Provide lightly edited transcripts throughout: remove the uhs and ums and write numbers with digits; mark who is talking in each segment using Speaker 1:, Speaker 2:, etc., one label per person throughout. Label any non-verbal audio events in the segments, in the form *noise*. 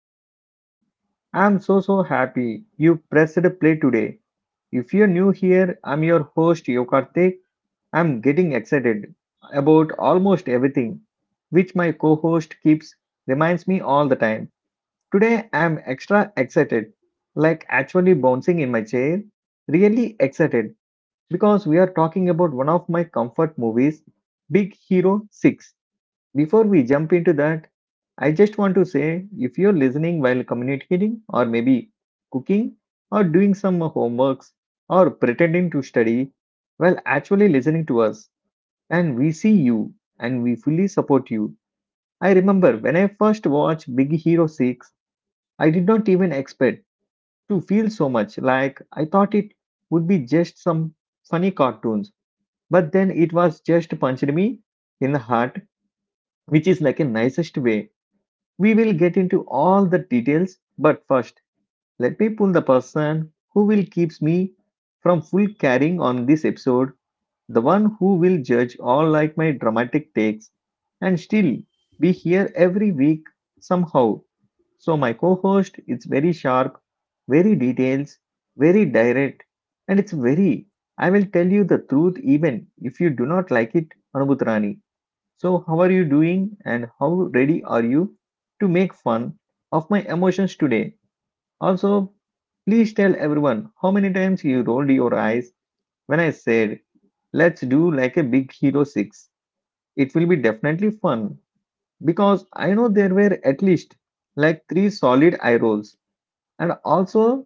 Speaker 1: Entertainment. I'm so happy you pressed play today. If you're new here, I'm your host Yokartik. I'm getting excited about almost everything, which my co-host keeps reminds me all the time. Today I'm extra excited, like actually bouncing in my chair, really excited because we are talking about one of my comfort movies, Big Hero 6. Before we jump into that, I just want to say if you're listening while communicating or maybe cooking or doing some homeworks or pretending to study while actually listening to us, and we see you and we fully support you. I remember when I first watched Big Hero 6, I did not even expect to feel so much. Like, I thought it would be just some funny cartoons, but then it was just punched me in the heart, which is like a nicest way. We will get into all the details, but first, let me pull the person who will keeps me from full carrying on this episode, the one who will judge all like my dramatic takes and still be here every week somehow. So my co-host, it's very sharp, very details, very direct, and it's very, I will tell you the truth even if you do not like it, Anubhutrani. So, how are you doing, and how ready are you to make fun of my emotions today? Also, please tell everyone how many times you rolled your eyes when I said, "Let's do like a Big Hero 6. It will be definitely fun," because I know there were at least like three solid eye rolls. And also,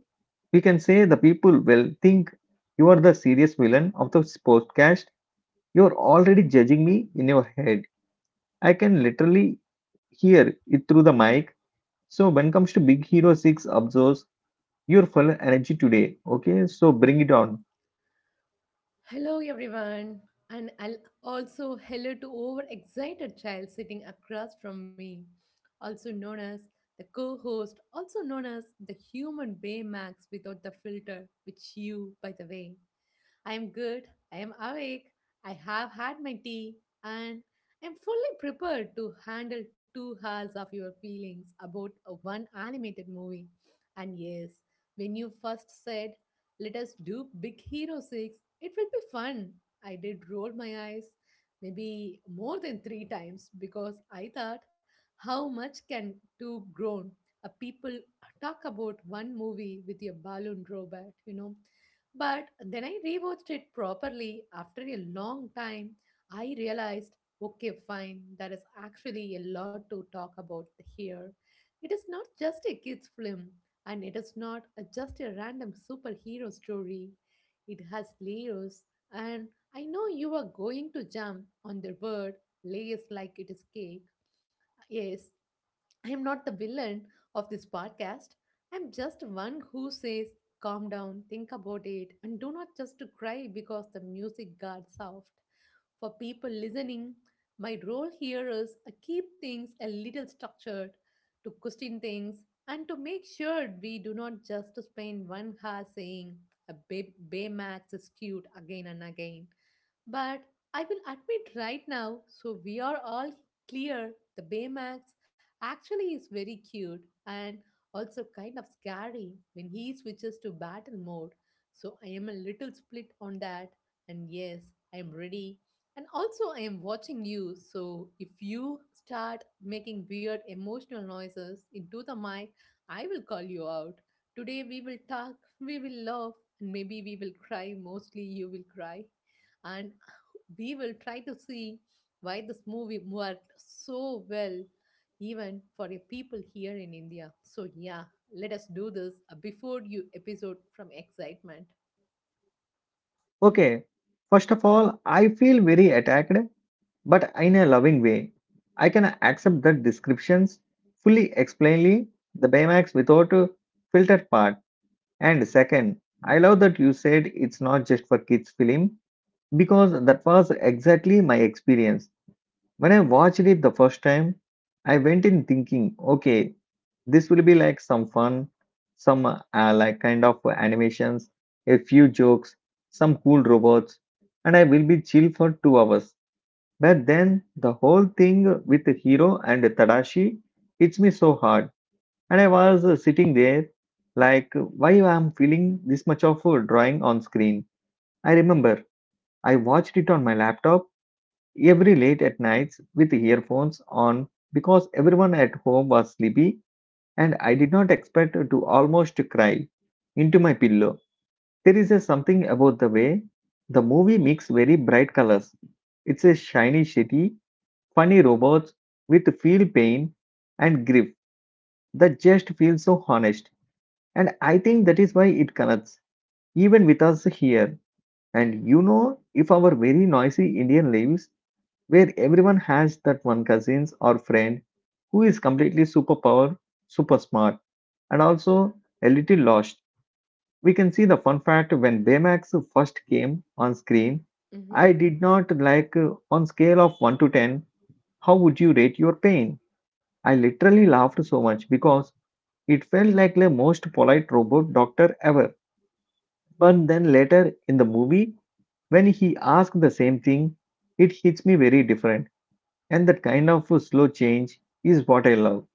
Speaker 1: we can say the people will think you are the serious villain of the podcast. You're already judging me in your head. I can literally here it through the mic. So when comes to Big Hero 6, absorbs your full energy today. Okay, so bring it on.
Speaker 2: Hello, everyone, and I'll also hello to overexcited child sitting across from me, also known as the co host, also known as the human Baymax without the filter, which you, by the way. I am good, I am awake, I have had my tea, and I am fully prepared to handle 2 hours of your feelings about a one animated movie. And yes, when you first said, let us do Big Hero 6, it will be fun. I did roll my eyes maybe more than three times because I thought, how much can two grown people talk about one movie with a balloon robot, you know? But then I rewatched it properly after a long time. I realized, okay, fine, there is actually a lot to talk about here. It is not just a kids' film, and it is not a- just a random superhero story. It has layers, and I know you are going to jump on the word layers like it is cake. Yes, I am not the villain of this podcast. I'm just one who says, calm down, think about it, and do not just to cry because the music got soft. For people listening, my role here is to keep things a little structured, to question things, and to make sure we do not just spend 1 hour saying Baymax is cute again and again. But I will admit right now, so we are all clear, the Baymax actually is very cute and also kind of scary when he switches to battle mode. So I am a little split on that. And yes, I am ready. And also, I am watching you. So if you start making weird emotional noises into the mic, I will call you out. Today we will talk, we will laugh, and maybe we will cry. Mostly you will cry. And we will try to see why this movie worked so well, even for your people here in India. So, yeah, let us do this before you episode from excitement.
Speaker 1: Okay, first of all, I feel very attacked, but in a loving way. I can accept the descriptions fully explainly, the Baymax without a filtered part. And second, I love that you said it's not just for kids film because that was exactly my experience. When I watched it the first time, I went in thinking, okay, this will be like some fun, some like kind of animations, a few jokes, some cool robots, and I will be chill for 2 hours. But then the whole thing with the hero and Tadashi hits me so hard, and I was sitting there like, why I am feeling this much of a drawing on screen? I remember I watched it on my laptop every late at nights with earphones on because everyone at home was sleepy, and I did not expect to almost cry into my pillow. There is a something about the way the movie mix very bright colors. It's a shiny city, funny robots with feel pain and grief that just feels so honest. And I think that is why it connects even with us here. And you know, if our very noisy Indian lives where everyone has that one cousins or friend who is completely superpower, super smart, and also a little lost. We can see the fun fact when Baymax first came on screen. I did not like on scale of 1 to 10, how would you rate your pain? I literally laughed so much because it felt like the most polite robot doctor ever. But then later in the movie, when he asked the same thing, it hits me very different. And that kind of a slow change is what I love.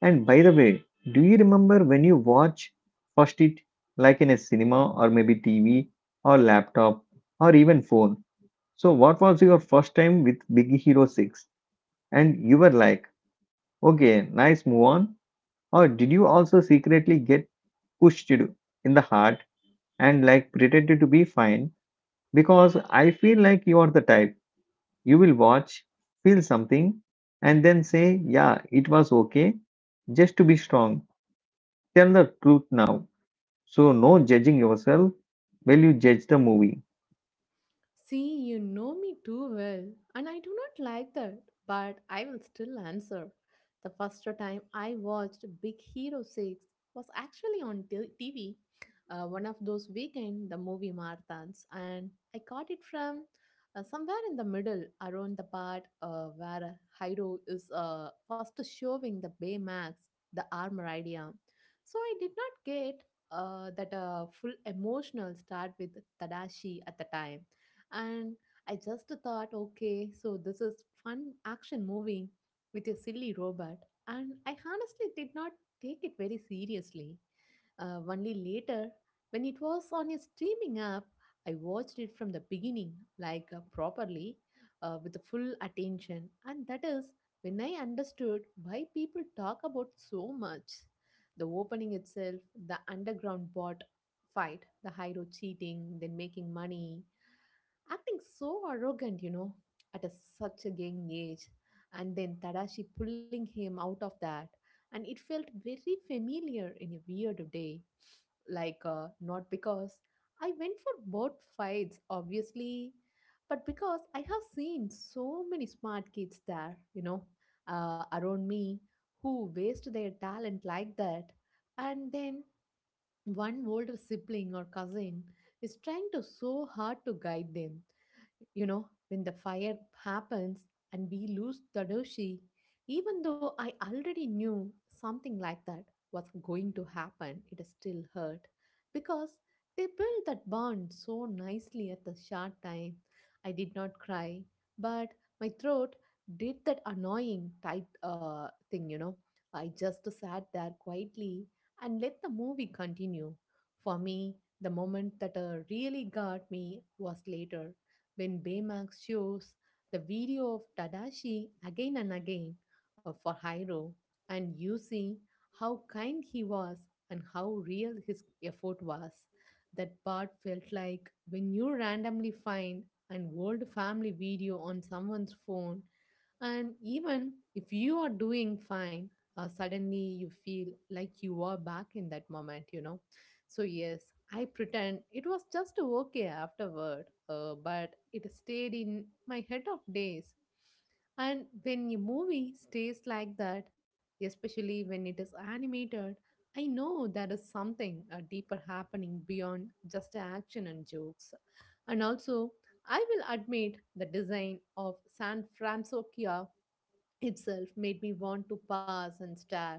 Speaker 1: And by the way, do you remember when you watch first it, like in a cinema or maybe TV or laptop or even phone? So what was your first time with Big Hero 6? And you were like, okay, nice move on. Or did you also secretly get pushed in the heart and like pretended to be fine? Because I feel like you are the type, you will watch, feel something, and then say, "Yeah, it was okay," just to be strong. Tell the truth now. So, no judging yourself while you judge the movie.
Speaker 2: See, you know me too well, and I do not like that, but I will still answer. The first time I watched Big Hero 6 was actually on TV, one of those weekend the movie marathons, and I caught it from somewhere in the middle around the part where Hiro is first showing the Baymax the armor idea. So I did not get that full emotional start with Tadashi at the time, and I just thought, okay, so this is fun action movie with a silly robot. And I honestly did not take it very seriously. Only later, when it was on a streaming app, I watched it from the beginning, like properly, with the full attention. And that is when I understood why people talk about so much. The opening itself, the underground bot fight, the hero cheating, then making money, acting so arrogant, you know, at a, such a young age. And then Tadashi pulling him out of that. And it felt very familiar in a weird day. Like, not because I went for both fights, obviously, but because I have seen so many smart kids there, you know, around me who waste their talent like that. And then one older sibling or cousin is trying to so hard to guide them, you know, when the fire happens and we lose the doshi, even though I already knew something like that was going to happen, it still hurt because they built that bond so nicely at the short time. I did not cry, but my throat did that annoying tight thing, you know. I just sat there quietly and let the movie continue. For me, the moment that really got me was later when Baymax shows the video of Tadashi again and again for Hiro, and you see how kind he was and how real his effort was. That part felt like when you randomly find an old family video on someone's phone, and even if you are doing fine, suddenly you feel like you are back in that moment, you know. So, yes, I pretend it was just okay afterward, but it stayed in my head of days. And when a movie stays like that, especially when it is animated, I know there is something deeper happening beyond just action and jokes. And also, I will admit the design of San Francisco itself made me want to pass and stare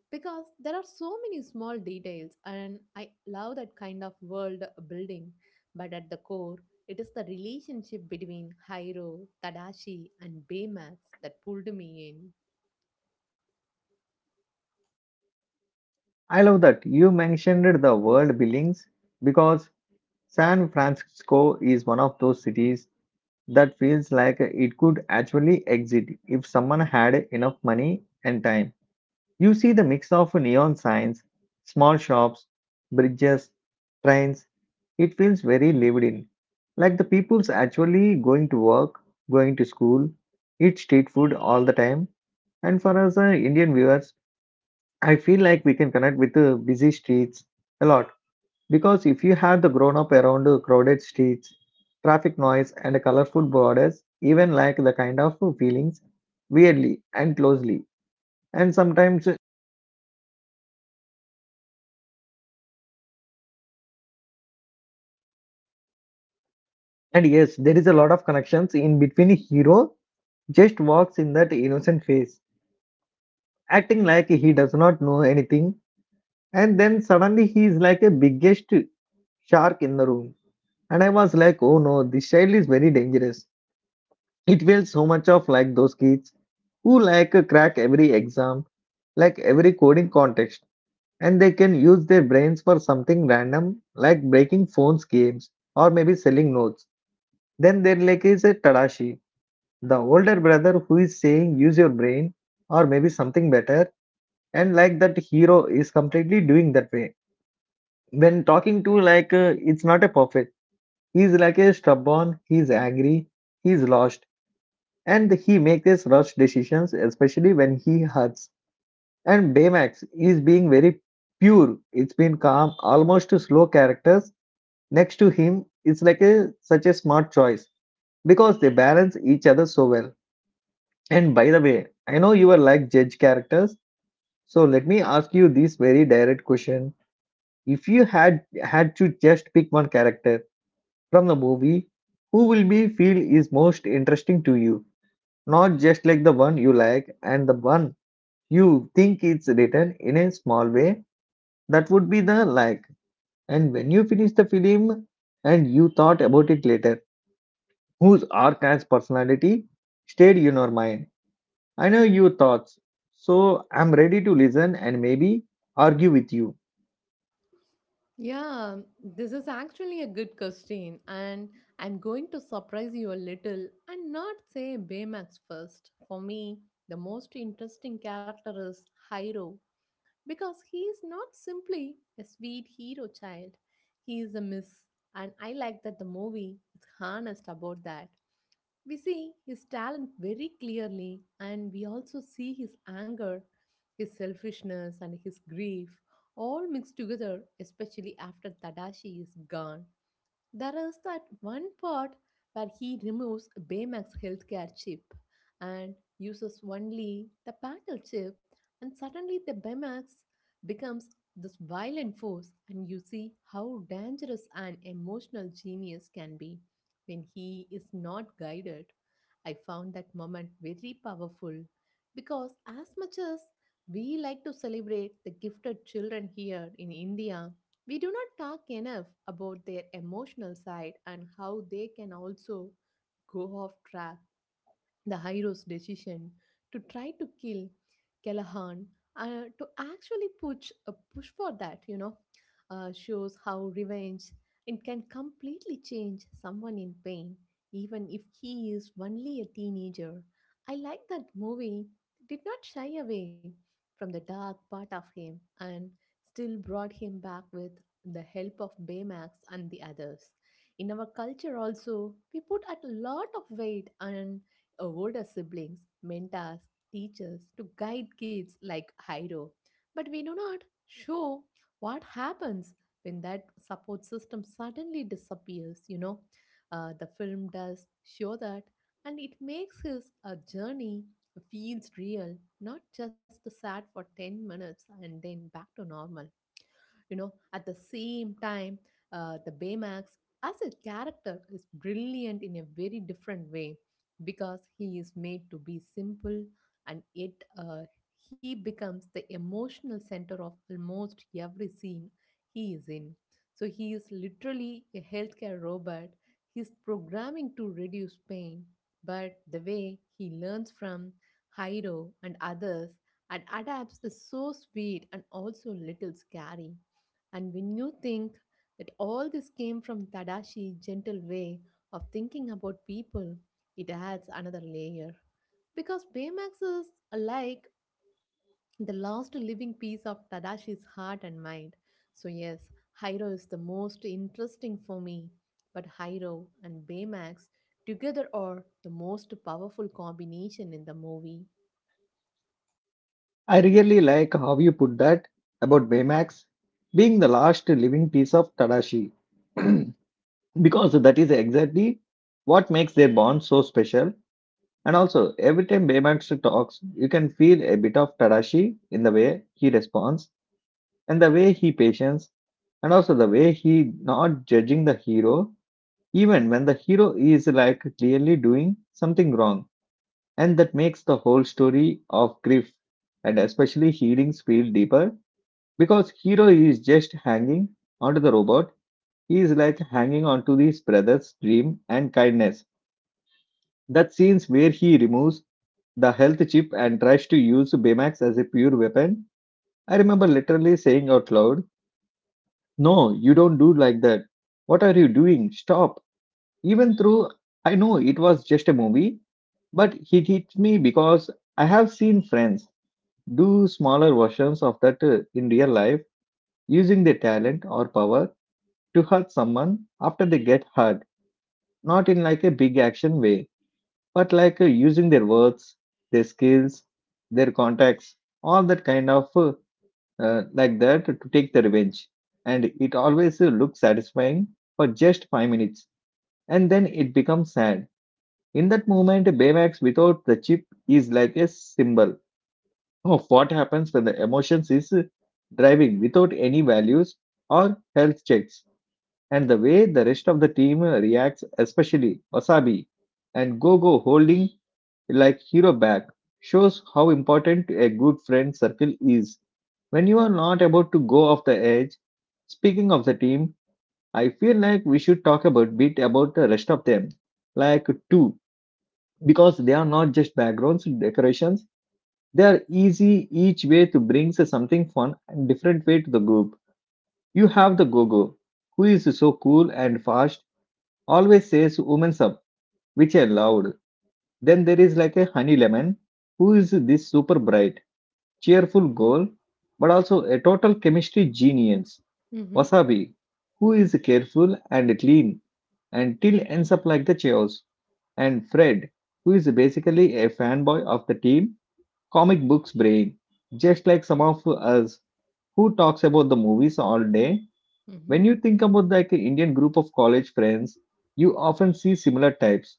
Speaker 2: because there are so many small details and I love that kind of world building. But at the core, it is the relationship between Hiro, Tadashi, and Baymax that pulled me in.
Speaker 1: I love that you mentioned the world buildings because San Francisco is one of those cities that feels like it could actually exist if someone had enough money and time. You see the mix of neon signs, small shops, bridges, trains. It feels very lived in, like the people's actually going to work, going to school, eat street food all the time. And for us Indian viewers, I feel like we can connect with the busy streets a lot because if you have the grown up around the crowded streets, traffic noise, and colorful borders, even like the kind of feelings weirdly and closely and sometimes. And yes, there is a lot of connections in between hero just walks in that innocent face, acting like he does not know anything, and then suddenly he is like a biggest shark in the room. And I was like, oh no, this child is very dangerous. It feels so much of like those kids who like crack every exam, like every coding contest, and they can use their brains for something random like breaking phones games or maybe selling notes. Then there like is a Tadashi, the older brother who is saying use your brain or maybe something better, and like that hero is completely doing that way. When talking to like it's not a perfect. He's like a stubborn. He's angry. He's lost, and he makes his rush decisions, especially when he hurts. And Baymax is being very pure. It's been calm, almost slow characters next to him. It's like a such a smart choice because they balance each other so well. And by the way, I know you are like judge characters, so let me ask you this very direct question. If you had to just pick one character from the movie, who will be feel is most interesting to you? Not just like the one you like, and the one you think it's written in a small way. That would be the like. And when you finish the film and you thought about it later, whose arc and personality stayed in your mind? I know your thoughts, so I'm ready to listen and maybe argue with you.
Speaker 2: Yeah, this is actually a good question, and I'm going to surprise you a little and not say Baymax first. For me, the most interesting character is Hiro because he is not simply a sweet hero child. He is a miss, and I like that the movie is honest about that. We see his talent very clearly, and we also see his anger, his selfishness, and his grief all mixed together, especially after Tadashi is gone. There is that one part where he removes Baymax healthcare chip and uses only the battle chip, and suddenly the Baymax becomes this violent force, and you see how dangerous an emotional genius can be when he is not guided. I found that moment very powerful because, as much as we like to celebrate the gifted children here in India, we do not talk enough about their emotional side and how they can also go off track the hero's decision to try to kill Callahan, to actually push for that, you know, shows how revenge it can completely change someone in pain, even if he is only a teenager. I like that movie did not shy away from the dark part of him and still brought him back with the help of Baymax and the others. In our culture also, we put a lot of weight on older siblings, mentors, teachers to guide kids like Hiro. But we do not show what happens when that support system suddenly disappears, you know. The film does show that, and it makes his journey feels real, not just sad for 10 minutes and then back to normal. You know, at the same time, the Baymax as a character is brilliant in a very different way because he is made to be simple and yet uh, he becomes the emotional center of almost every scene he is in. So he is literally a healthcare robot. He's programming to reduce pain, but the way he learns from Hiro and others and adapts is so sweet and also a little scary. And when you think that all this came from Tadashi's gentle way of thinking about people, it adds another layer. Because Baymax is like the last living piece of Tadashi's heart and mind. So, yes, Hiro is the most interesting for me, but Hiro and Baymax together are the most powerful combination in the movie.
Speaker 1: I really like how you put that about Baymax being the last living piece of Tadashi, *clears throat* because that is exactly what makes their bond so special. And also, every time Baymax talks, you can feel a bit of Tadashi in the way he responds, and the way he patience, and also the way he not judging the hero, even when the hero is like clearly doing something wrong. And that makes the whole story of grief and especially healings feel deeper because Hero is just hanging onto the robot. He is like hanging onto his brother's dream and kindness. That scenes where he removes the health chip and tries to use Baymax as a pure weapon. I remember literally saying out loud, "No, you don't do like that. What are you doing? Stop." Even though I know it was just a movie, but it hit me because I have seen friends do smaller versions of that in real life, using their talent or power to hurt someone after they get hurt. Not in like a big action way, but like using their words, their skills, their contacts, all that kind of like that, to take the revenge. And it always looks satisfying for just 5 minutes, and then it becomes sad. In that moment, Baymax without the chip is like a symbol of what happens when the emotions is driving without any values or health checks. And the way the rest of the team reacts, especially Wasabi and Gogo holding like hero back, shows how important a good friend circle is when you are not about to go off the edge. Speaking of the team, I feel like we should talk about bit about the rest of them, like two, because they are not just backgrounds decorations. They are easy each way to bring something fun and different way to the group. You have the Gogo, who is so cool and fast, always says women's up, which I loved. Then there is like a honey lemon, who is this super bright, cheerful girl, but also a total chemistry genius.
Speaker 2: Mm-hmm.
Speaker 1: Wasabi, who is careful and clean until ends up like the chaos. And Fred, who is basically a fanboy of the team, comic books brain, just like some of us who talks about the movies all day.
Speaker 2: Mm-hmm.
Speaker 1: When you think about like an Indian group of college friends, you often see similar types,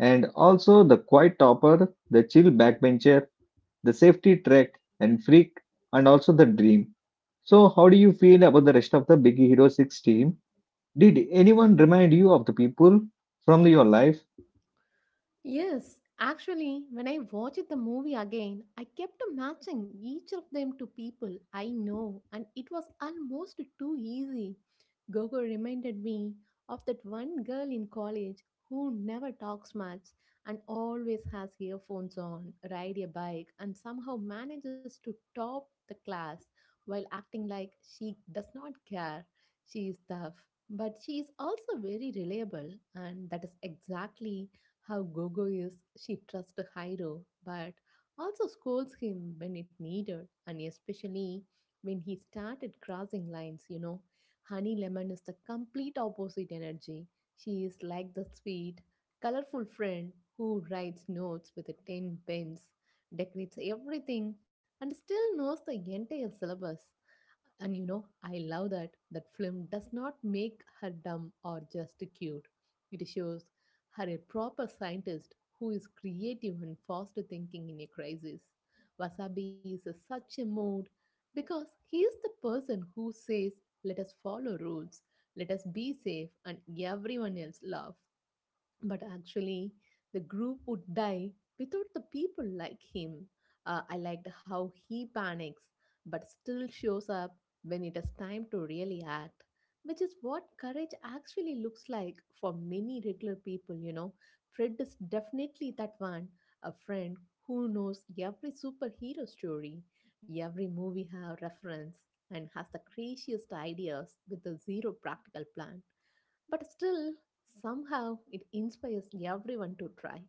Speaker 1: and also the quiet topper, the chill backbencher, the safety trek and freak, and also the dream. So, how do you feel about the rest of the Big Hero 6 team? Did anyone remind you of the people from your life?
Speaker 2: Yes, actually, when I watched the movie again, I kept matching each of them to people I know, and it was almost too easy. Gogo reminded me of that one girl in college who never talks much and always has earphones on, ride a bike, and somehow manages to top the class while acting like she does not care. She is tough, but she is also very reliable, and that is exactly how Gogo is, she trusts Hiro but also scolds him when it needed, and especially when he started crossing lines, you know. Honey Lemon is the complete opposite energy. She is like the sweet, colorful friend who writes notes with a 10 pens, decorates everything, and still knows the entire syllabus. And you know, I love that that film does not make her dumb or just cute. It shows her a proper scientist who is creative and fast thinking in a crisis. Wasabi is a, such a mood because he is the person who says, "Let us follow rules, let us be safe, and everyone else laugh." but actually the group would die without the people like him. I liked how he panics but still shows up when it is time to really act, which is what courage actually looks like for many regular people, you know. Fred is definitely that one, a friend who knows every superhero story, every movie have reference, and has the craziest ideas with a zero practical plan. But still, somehow, it inspires everyone to try.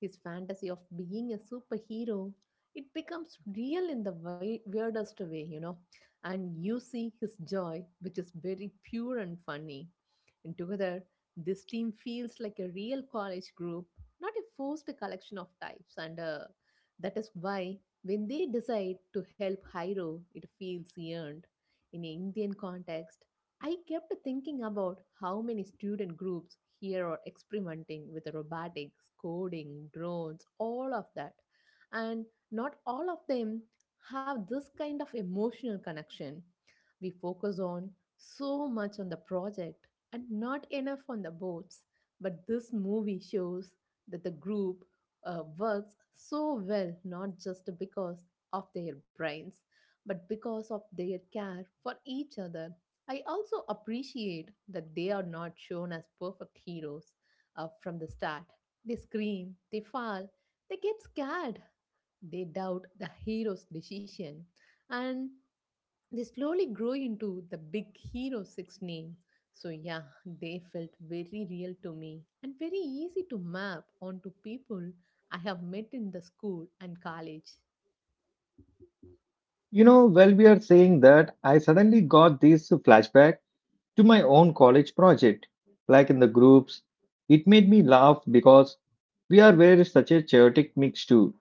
Speaker 2: His fantasy of being a superhero, it becomes real in the weirdest way, you know. And you see his joy, which is very pure and funny. And together, this team feels like a real college group, not a forced collection of types. And That is why, when they decide to help Hiro, it feels earned. In an Indian context, I kept thinking about how many student groups here are experimenting with robotics, coding, drones, all of that. And not all of them have this kind of emotional connection. We focus on so much on the project and not enough on the boats. But this movie shows that the group works so well not just because of their brains, but because of their care for each other. I also appreciate that they are not shown as perfect heroes from the start. They scream, they fall, they get scared, they doubt the hero's decision, and they slowly grow into the big hero six name. So, yeah, they felt very real to me and very easy to map onto people I have met in the school and college.
Speaker 1: You know, while we are saying that, I suddenly got this flashback to my own college project, like in the groups. It made me laugh because we are very such a chaotic mix too.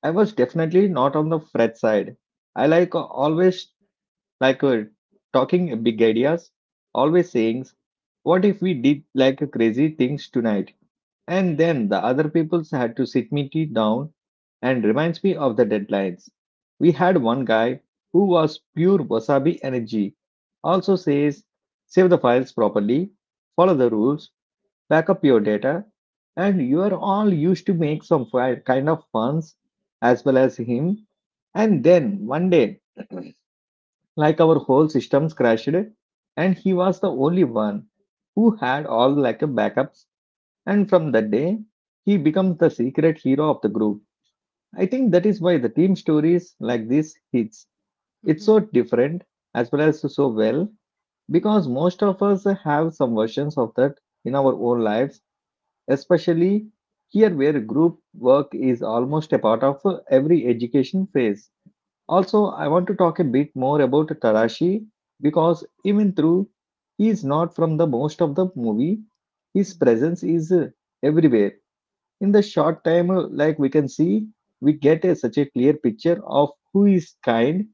Speaker 1: I was definitely not on the fret side. I like always like uh, talking big ideas, always saying, "What if we did like crazy things tonight?" And then the other peoples had to sit me tea down and reminds me of the deadlines. We had one guy who was pure wasabi energy. Also says, save the files properly, follow the rules, back up your data, and you are all used to make some kind of funs as well as him. And then one day, like our whole systems crashed, and he was the only one who had all like a backups and from that day, he becomes the secret hero of the group. I think that is why the team stories like this hits.
Speaker 2: Mm-hmm,
Speaker 1: It's so different as well as so well because most of us have some versions of that in our own lives, especially here where group work is almost a part of every education phase. Also, I want to talk a bit more about Tarashi because even though he is not from the most of the movie, his
Speaker 2: mm-hmm,
Speaker 1: presence is everywhere in the short time like we can see we get a, such a clear picture of who is kind,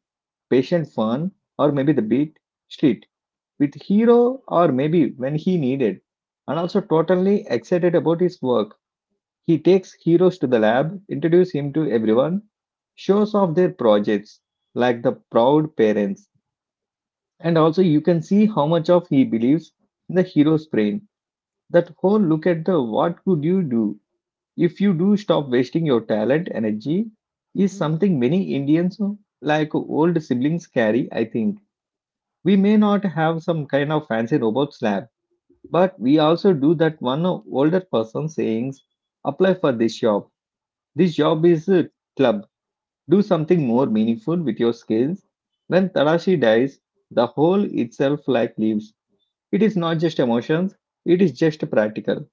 Speaker 1: patient, fun, or maybe the beat street with hero, or maybe when he needed, and also totally excited about his work. He takes heroes to the lab, introduce him to everyone, shows off their projects like the proud parents. And also you can see how much of he believes in the hero's brain. That whole look at the what could you do if you do stop wasting your talent energy is
Speaker 2: mm-hmm,
Speaker 1: something many Indians like old siblings carry. I think we may not have some kind of fancy robot slab, but we also do that one older person sayings, apply for this job, this job is a club, do something more meaningful with your skills. When Tadashi dies, the whole itself like leaves. It is not just emotions, it is just practical.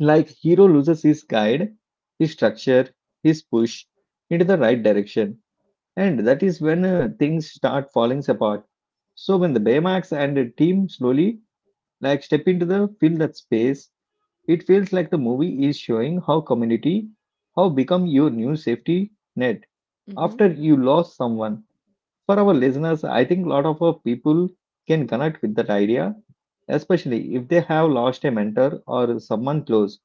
Speaker 1: Like hero loses his guide, his structure, his push into the right direction, and that is when things start falling apart. So when the Baymax and the team slowly like step into the fill that space, it feels like the movie is showing how community, how become your new safety net
Speaker 2: mm-hmm.
Speaker 1: after you lost someone. For our listeners, I think a lot of our people can connect with that idea, especially if they have lost a mentor or someone close.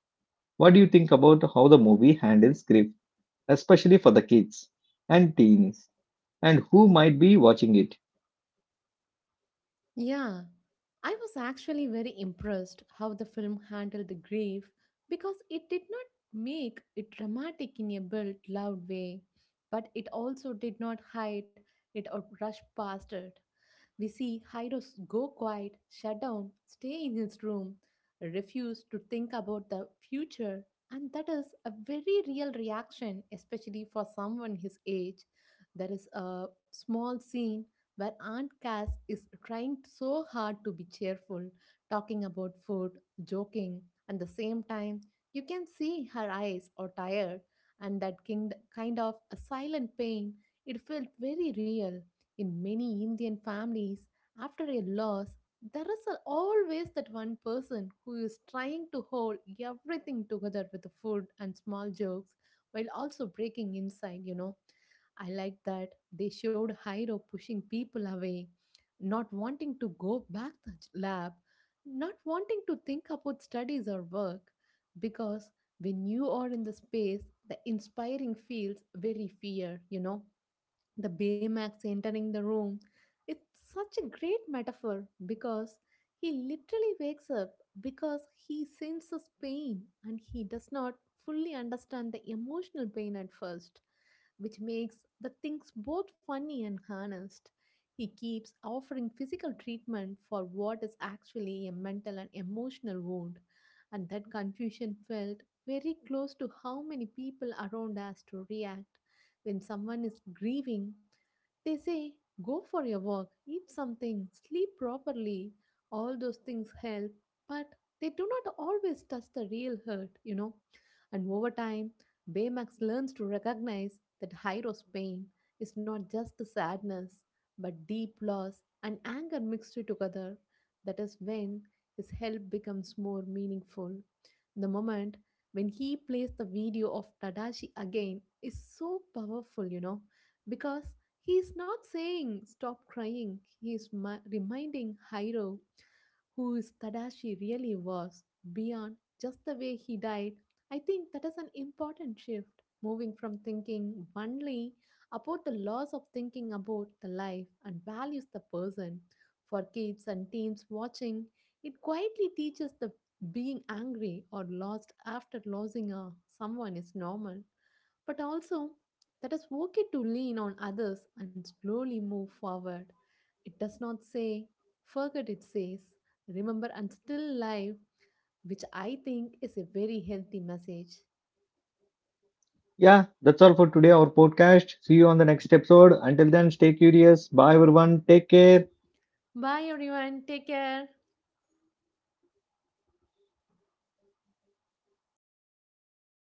Speaker 1: What do you think about how the movie handles grief, especially for the kids and teens, and who might be watching it?
Speaker 2: Yeah, I was actually very impressed how the film handled the grief because it did not make it dramatic in a built, loud way, but it also did not hide it or rush past it. We see Hyros go quiet, shut down, stay in his room, refuse to think about the future, and that is a very real reaction, especially for someone his age. There is a small scene where Aunt Cass is trying so hard to be cheerful, talking about food, joking, and the same time, you can see her eyes are tired, and that kind of a silent pain. It felt very real. In many Indian families, after a loss, there is a- always that one person who is trying to hold everything together with the food and small jokes while also breaking inside, you know. I like that they showed Hiro pushing people away, not wanting to go back to ch- lab, not wanting to think about studies or work, because when you are in the space, the inspiring feels very fear, you know the Baymax entering the room. It's such a great metaphor because he literally wakes up because he senses pain and he does not fully understand the emotional pain at first, which makes the things both funny and honest. He keeps offering physical treatment for what is actually a mental and emotional wound, and that confusion felt very close to how many people around us to react when someone is grieving, they say, go for a walk, eat something, sleep properly. All those things help, but they do not always touch the real hurt, you know. And over time, Baymax learns to recognize that Hyros' pain is not just the sadness, but deep loss and anger mixed together. That is when his help becomes more meaningful. The moment when he plays the video of Tadashi again is so powerful, you know, because he's not saying stop crying. He is reminding Hiro who is Tadashi really was beyond just the way he died. I think that is an important shift, moving from thinking only about the loss of thinking about the life and values the person. For kids and teens watching, it quietly teaches the being angry or lost after losing a, someone is normal, but also that is okay to lean on others and slowly move forward. It does not say, forget it says, remember and still live, which I think is a very healthy message.
Speaker 1: Yeah, that's all for today, our podcast. See you on the next episode. Until then, stay curious. Bye, everyone. Take care.
Speaker 2: Bye everyone, take care.